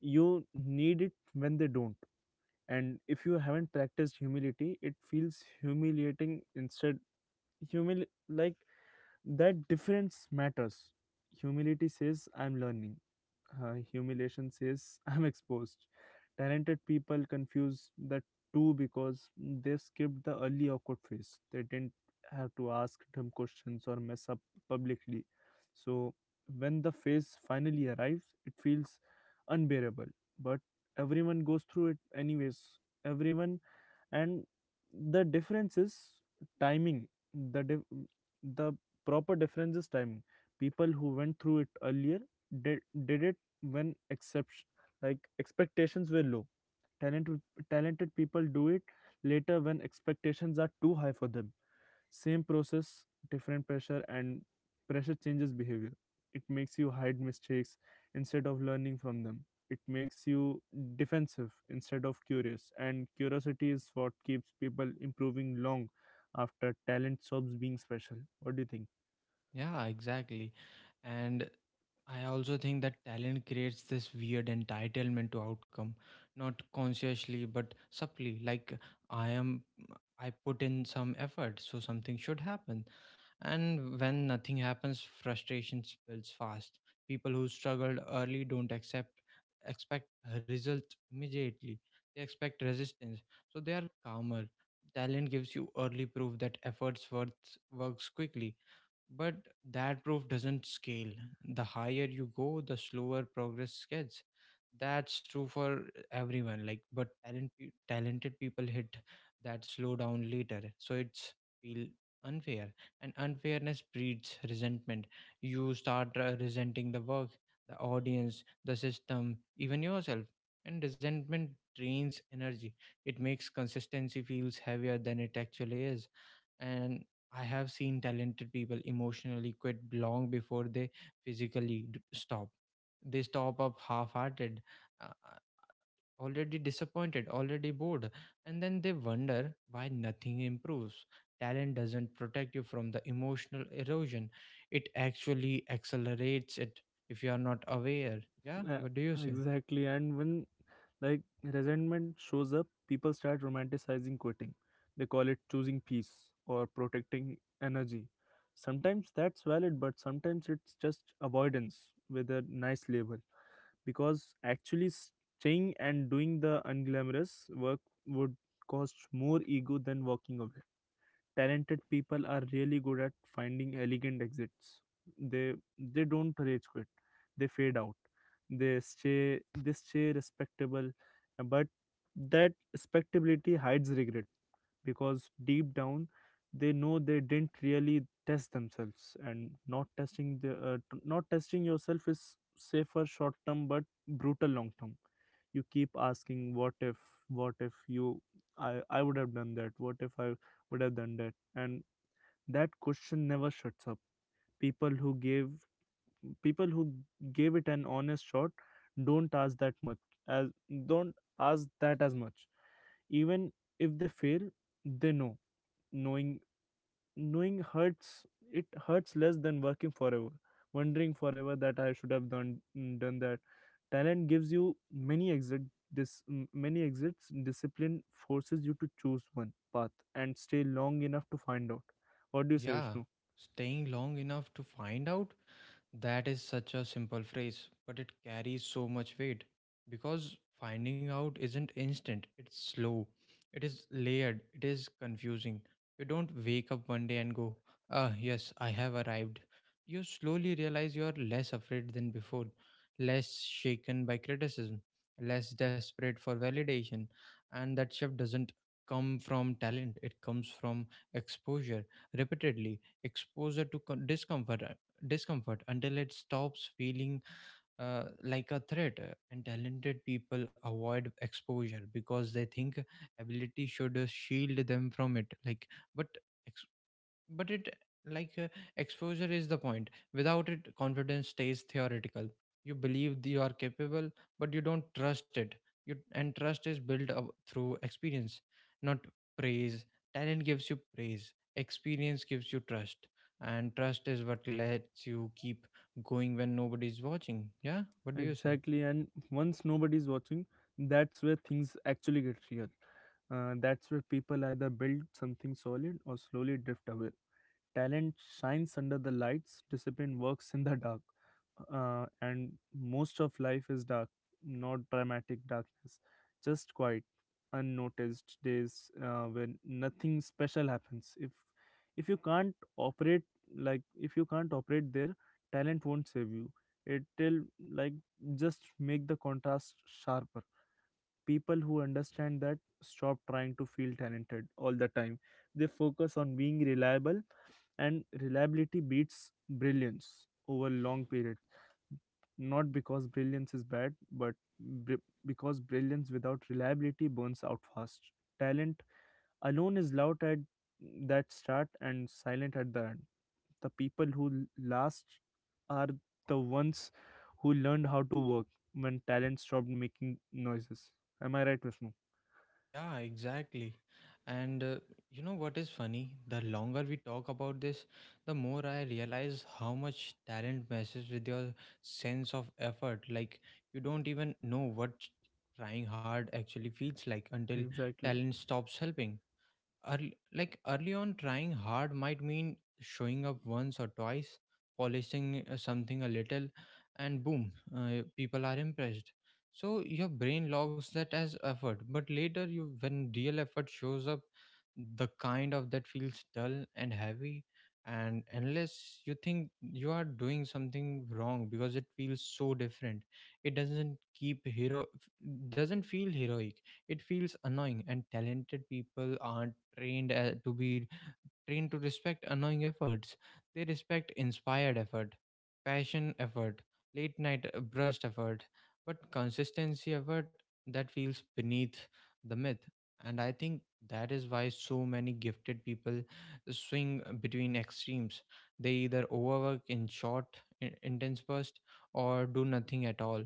S2: you need it when they don't. And if you haven't practiced humility, it feels humiliating instead. Humil like That difference matters. Humility says, I'm learning. Humiliation says, I'm exposed. Talented people confuse the two because they skipped the early awkward phase. They didn't have to ask dumb questions or mess up publicly. So when the phase finally arrives, it feels unbearable. But everyone goes through it anyways. Everyone. And the difference is timing. The dif- the proper difference is timing. People who went through it earlier did, did it when exception like expectations were low. talented Talented people do it later, when expectations are too high for them. Same process, different pressure, and pressure changes behavior. It makes you hide mistakes instead of learning from them. It makes you defensive instead of curious, and curiosity is what keeps people improving long after talent stops being special. What do you think?
S1: Yeah, exactly. And I also think that talent creates this weird entitlement to outcome, not consciously but subtly. Like I am, I put in some effort, so something should happen. And when nothing happens, frustration builds fast. People who struggled early don't accept expect results immediately. They expect resistance, so they are calmer. Talent gives you early proof that efforts worth works quickly, but that proof doesn't scale. The higher you go, the slower progress gets. That's true for everyone. Like, but talent, talented people hit that slowdown later, so it's feel unfair. And unfairness breeds resentment. You start resenting the work, the audience, the system, even yourself. And resentment drains energy. It makes consistency feels heavier than it actually is. And I have seen talented people emotionally quit long before they physically stop. They stop up half hearted, uh, already disappointed, already bored, and then they wonder why nothing improves. Talent doesn't protect you from the emotional erosion, it actually accelerates it if you are not aware. Yeah,
S2: Uh,
S1: what do you say?
S2: exactly. And when resentment shows up, people start romanticizing quitting. They call it choosing peace or protecting energy. Sometimes that's valid, but sometimes it's just avoidance with a nice label. Because actually staying and doing the unglamorous work would cost more ego than walking away. Talented people are really good at finding elegant exits. They don't rage quit. They fade out. They stay respectable, but that respectability hides regret because deep down they know they didn't really test themselves, and not testing yourself is safer short term but brutal long term. You keep asking, what if, what if you I I would have done that? What if I would have done that? And that question never shuts up. people who gave People who gave it an honest shot don't ask that much as don't ask that as much, even if they fail, they know. Knowing knowing hurts. It hurts less than working forever, wondering forever that I should have done that. Talent gives you many exit. This many exits Discipline forces you to choose one path and stay long enough to find out. What do you say,
S1: Yeah,
S2: Vishnu?
S1: staying long enough to find out. That is such a simple phrase, but it carries so much weight because finding out isn't instant, it's slow, it is layered, it is confusing. You don't wake up one day and go, ah, yes, I have arrived. You slowly realize you are less afraid than before, less shaken by criticism, less desperate for validation, and that shift doesn't come from talent, it comes from exposure, repeatedly. Exposure to discomfort, until it stops feeling like a threat. And talented people avoid exposure because they think ability should shield them from it. Like, but ex- but it like exposure is the point. Without it, confidence stays theoretical. You believe that you are capable, but you don't trust it. You and trust is built up through experience, not praise. Talent gives you praise, experience gives you trust, and trust is what lets you keep going when nobody's watching. Yeah, what do you say?
S2: Exactly. And once nobody is watching, that's where things actually get real. That's where people either build something solid or slowly drift away. Talent shines under the lights, discipline works in the dark. And most of life is dark, not dramatic darkness, just quiet, unnoticed days when nothing special happens. If you can't operate like if you can't operate there, talent won't save you. It'll like just make the contrast sharper. People who understand that stop trying to feel talented all the time. They focus on being reliable, and reliability beats brilliance over long periods, not because brilliance is bad but because brilliance without reliability burns out fast. Talent alone is loud at that start and silent at the end. The people who last are the ones who learned how to work when talent stopped making noises. Am I right, Vishnu?
S1: Yeah, exactly. And you know what is funny? The longer we talk about this, the more I realize how much talent messes with your sense of effort. Like, you don't even know what trying hard actually feels like until
S2: Exactly.
S1: talent stops helping. Early, like early on, trying hard might mean showing up once or twice, polishing something a little, and boom, people are impressed. So your brain logs that as effort, but later you when real effort shows up, the kind of that feels dull and heavy, and unless you think you are doing something wrong because it feels so different. It doesn't keep hero, doesn't feel heroic, it feels annoying. And talented people aren't trained to be trained to respect annoying efforts. They respect inspired effort, passion effort, late night brushed effort, but consistency effort that feels beneath the myth. And I think that is why so many gifted people swing between extremes. They either overwork in short, intense bursts or do nothing at all.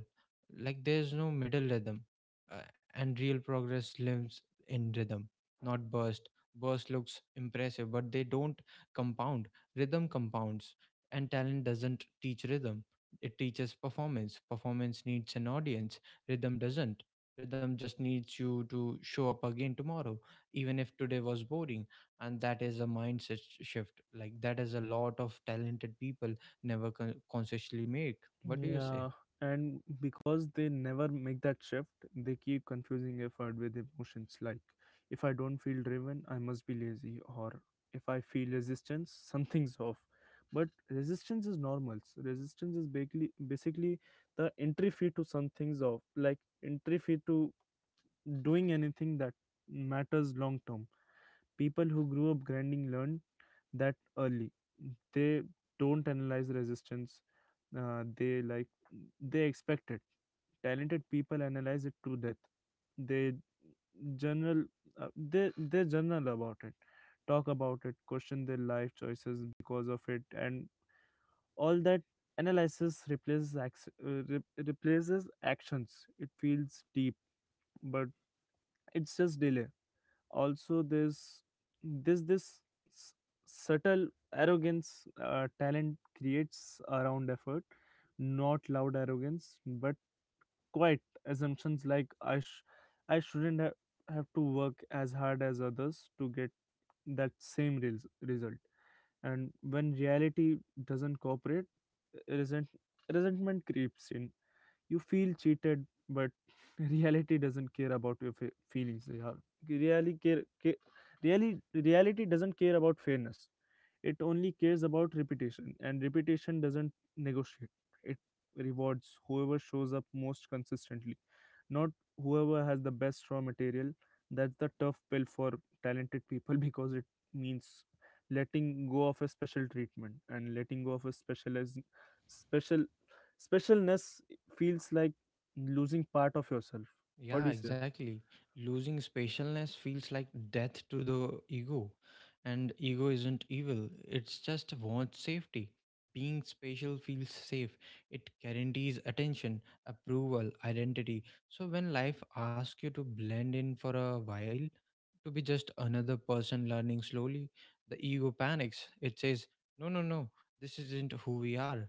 S1: Like there's no middle rhythm, uh, and real progress lives in rhythm, not burst looks impressive, but they don't compound. Rhythm compounds, and talent doesn't teach rhythm. It teaches performance. Performance needs an audience. Rhythm doesn't. Rhythm just needs you to show up again tomorrow, even if today was boring. And that is a mindset shift. Like, that is a lot of talented people never consciously make. What do you say?
S2: Yeah, and because they never make that shift, they keep confusing effort with emotions, like, if I don't feel driven, I must be lazy, or if I feel resistance, something's off. But resistance is normal. So, resistance is basically the entry fee to something's off, like entry fee to doing anything that matters long term. People who grew up grinding learn that early. They don't analyze resistance. uh, they like they expect it. Talented people analyze it to death. They general uh, they they journal about it, talk about it, question their life choices because of it, and all that analysis replaces actions. It feels deep, but it's just delay. Also, this this s- subtle arrogance talent creates around effort, not loud arrogance but quiet assumptions, like, I shouldn't have to work as hard as others to get that same result. And when reality doesn't cooperate, resent- resentment creeps in. You feel cheated, but reality doesn't care about your feelings. Yeah. Really care, care really reality doesn't care about fairness. It only cares about reputation, and reputation doesn't negotiate. It rewards whoever shows up most consistently, not whoever has the best raw material. That's the tough pill for talented people because it means letting go of a special treatment, and letting go of a specialized special specialness feels like losing part of yourself. What
S1: Yeah,
S2: do you say?
S1: exactly. Losing spatialness feels like death to the ego. And ego isn't evil, it's just wants safety. Being spatial feels safe. It guarantees attention, approval, identity. So when life asks you to blend in for a while, to be just another person learning slowly, the ego panics. It says, no, no, no, this isn't who we are.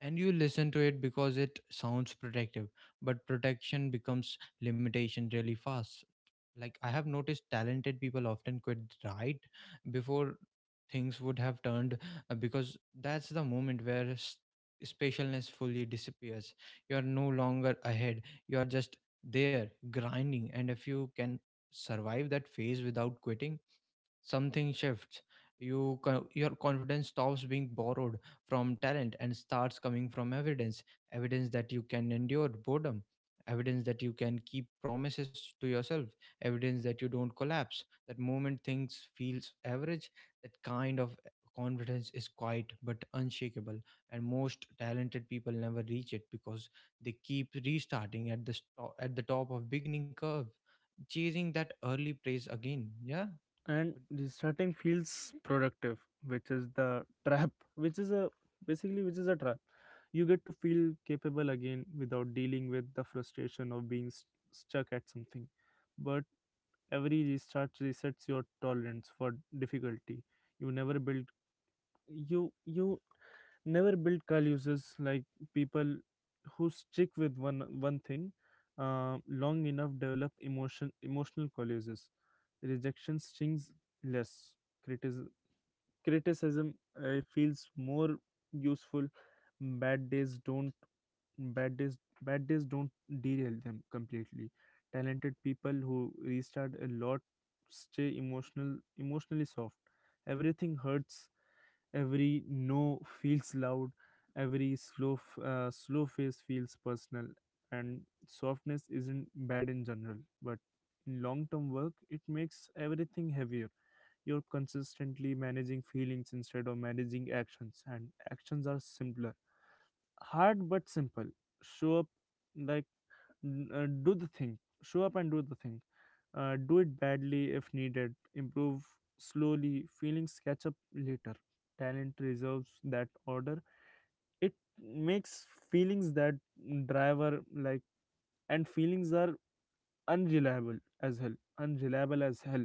S1: And you listen to it because it sounds protective, but protection becomes limitation really fast. Like, I have noticed talented people often quit right before things would have turned, because that's the moment where spatialness fully disappears. You are no longer ahead, you are just there grinding. And if you can survive that phase without quitting, something shifts. You your confidence stops being borrowed from talent and starts coming from evidence. Evidence that you can endure boredom, evidence that you can keep promises to yourself, evidence that you don't collapse that moment things feels average. That kind of confidence is quiet but unshakable, and most talented people never reach it because they keep restarting at the at the top of beginning curve, chasing that early praise again. Yeah.
S2: And restarting feels productive, which is the trap, which is a which is a trap. You get to feel capable again without dealing with the frustration of being stuck at something. But every restart resets your tolerance for difficulty. You never build, you never build car users, like, people who stick with one thing uh, long enough develop emotional colluses. Rejection stings less. criticism Criticism feels more useful. bad days don't bad days Bad days don't derail them completely. Talented people who restart a lot stay emotionally soft. Everything hurts. Every no feels loud, every slow face feels personal, and softness isn't bad in general, but in long term work, it makes everything heavier. You're consistently managing feelings instead of managing actions, and actions are simpler. Hard but simple. Show up, like do the thing. Show up and do the thing, do it badly if needed, improve slowly, feelings catch up later. Talent reserves that order. It makes feelings that driver, and feelings are unreliable as hell.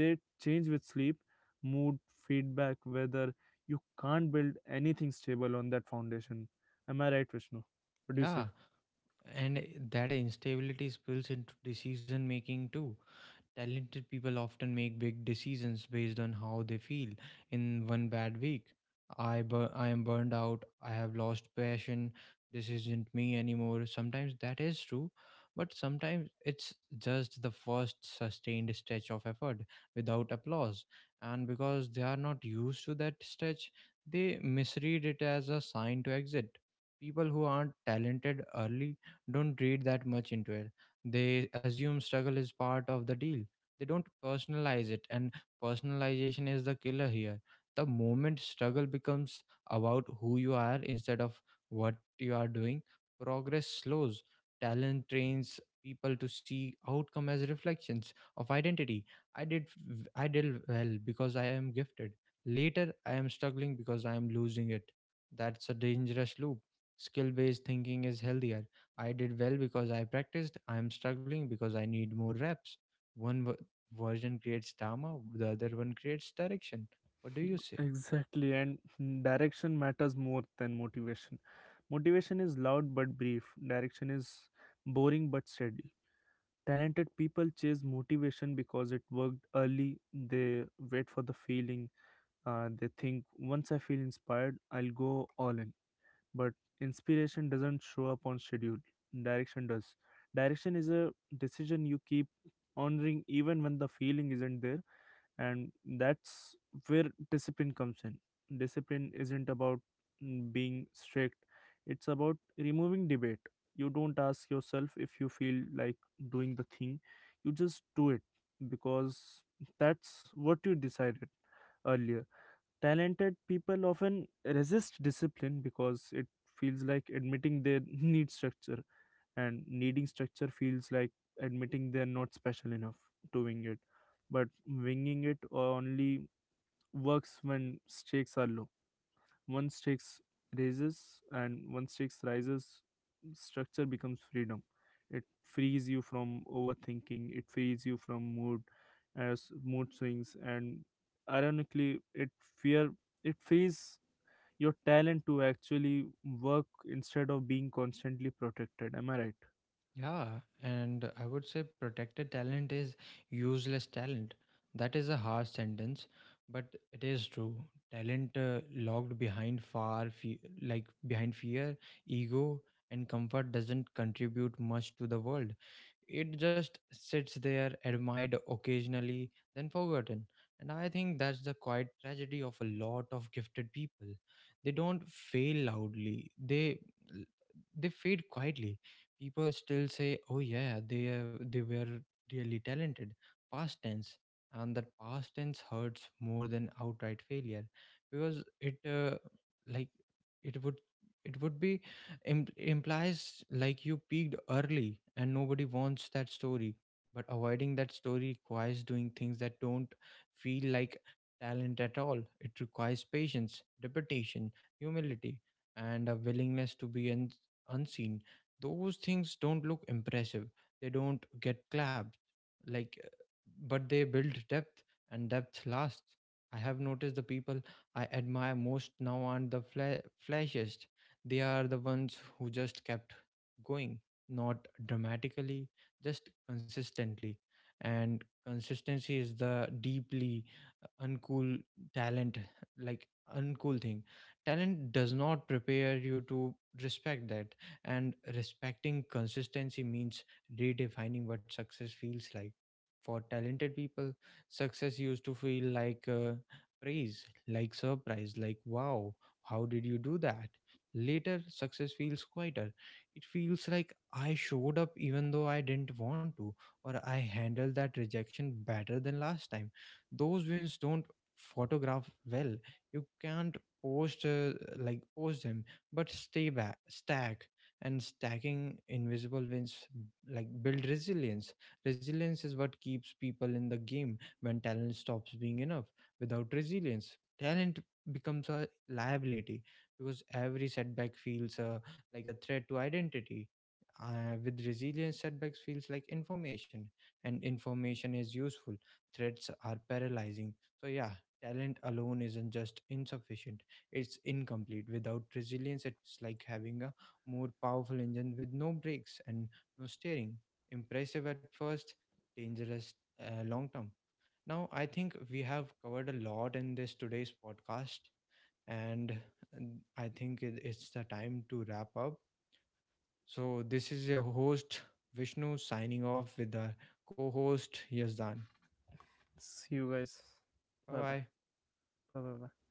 S2: They change with sleep, mood, feedback, weather. You can't build anything stable on that foundation. Am I right, Vishnu? What do you say?
S1: Yeah, and that instability spills into decision making too. Talented people often make big decisions based on how they feel in one bad week. I am burned out. I have lost passion. This isn't me anymore. Sometimes that is true, but sometimes it's just the first sustained stretch of effort without applause. And because they are not used to that stretch, they misread it as a sign to exit. People who aren't talented early don't read that much into it. They assume struggle is part of the deal, they don't personalize it. And personalization is the killer here. The moment struggle becomes about who you are instead of what you are doing, progress slows. Talent trains people to see outcome as reflections of identity. i did I did well because I am gifted, later I am struggling because I am losing it. That's a dangerous loop. Skill based thinking is healthier. I did well because I practiced, I am struggling because I need more reps. one w- Version creates drama, the other one creates direction. What do you say?
S2: Exactly, and direction matters more than motivation. Motivation is loud but brief, direction is boring but steady. Talented people chase motivation because it worked early. They wait for the feeling. They think, once I feel inspired, I'll go all in. But inspiration doesn't show up on schedule, direction does. Direction is a decision you keep honoring even when the feeling isn't there, and that's where discipline comes in. Discipline isn't about being strict, it's about removing debate. You don't ask yourself if you feel like doing the thing, you just do it because that's what you decided earlier. Talented people often resist discipline because it feels like admitting they need structure, and needing structure feels like admitting they're not special enough to wing it. But winging it only works when stakes are low. once stakes Once stakes rises, structure becomes freedom. It frees you from overthinking, it frees you from mood as mood swings, and ironically it fear it frees your talent to actually work instead of being constantly protected. Am I right?
S1: Yeah, and I would say protected talent is useless talent. That is a harsh sentence, but it is true. Talent locked behind like behind fear, ego, and comfort doesn't contribute much to the world. It just sits there, admired occasionally, then forgotten. And I think that's the quiet tragedy of a lot of gifted people. They don't fail loudly. They fade quietly. People still say, "Oh yeah, they were really talented." Past tense, and that past tense hurts more than outright failure, because it like it would it would be implies like you peaked early and nobody wants that story. But avoiding that story requires doing things that don't feel like talent at all. It requires patience, repetition, humility, and a willingness to be unseen. Those things don't look impressive, they don't get clapped. Like, but they build depth, and depth lasts. I have noticed the people I admire most now aren't the flashiest. They are the ones who just kept going, not dramatically, just consistently. And consistency is the deeply uh, uncool talent, like uncool thing. Talent does not prepare you to respect that. And respecting consistency means redefining what success feels like. For talented people, success used to feel like praise, like surprise, like wow, how did you do that? Later, success feels quieter. It feels like I showed up even though I didn't want to, or I handled that rejection better than last time. Those wins don't photograph well. You can't post post them, but stay back, stack, and stacking invisible wins like build resilience. Resilience is what keeps people in the game when talent stops being enough. Without resilience, talent becomes a liability because every setback feels like a threat to identity. With resilience, setbacks feels like information, and information is useful. Threats are paralyzing. So yeah, talent alone isn't just insufficient; it's incomplete. Without resilience, it's like having a more powerful engine with no brakes and no steering. Impressive at first, dangerous long term. Now, I think we have covered a lot in this today's podcast and I think it's the time to wrap up. So, this is your host, Vishnu, signing off with our co host, Yazdan.
S2: See you guys.
S1: Bye
S2: Bye bye.
S1: bye.
S2: Bye bye bye.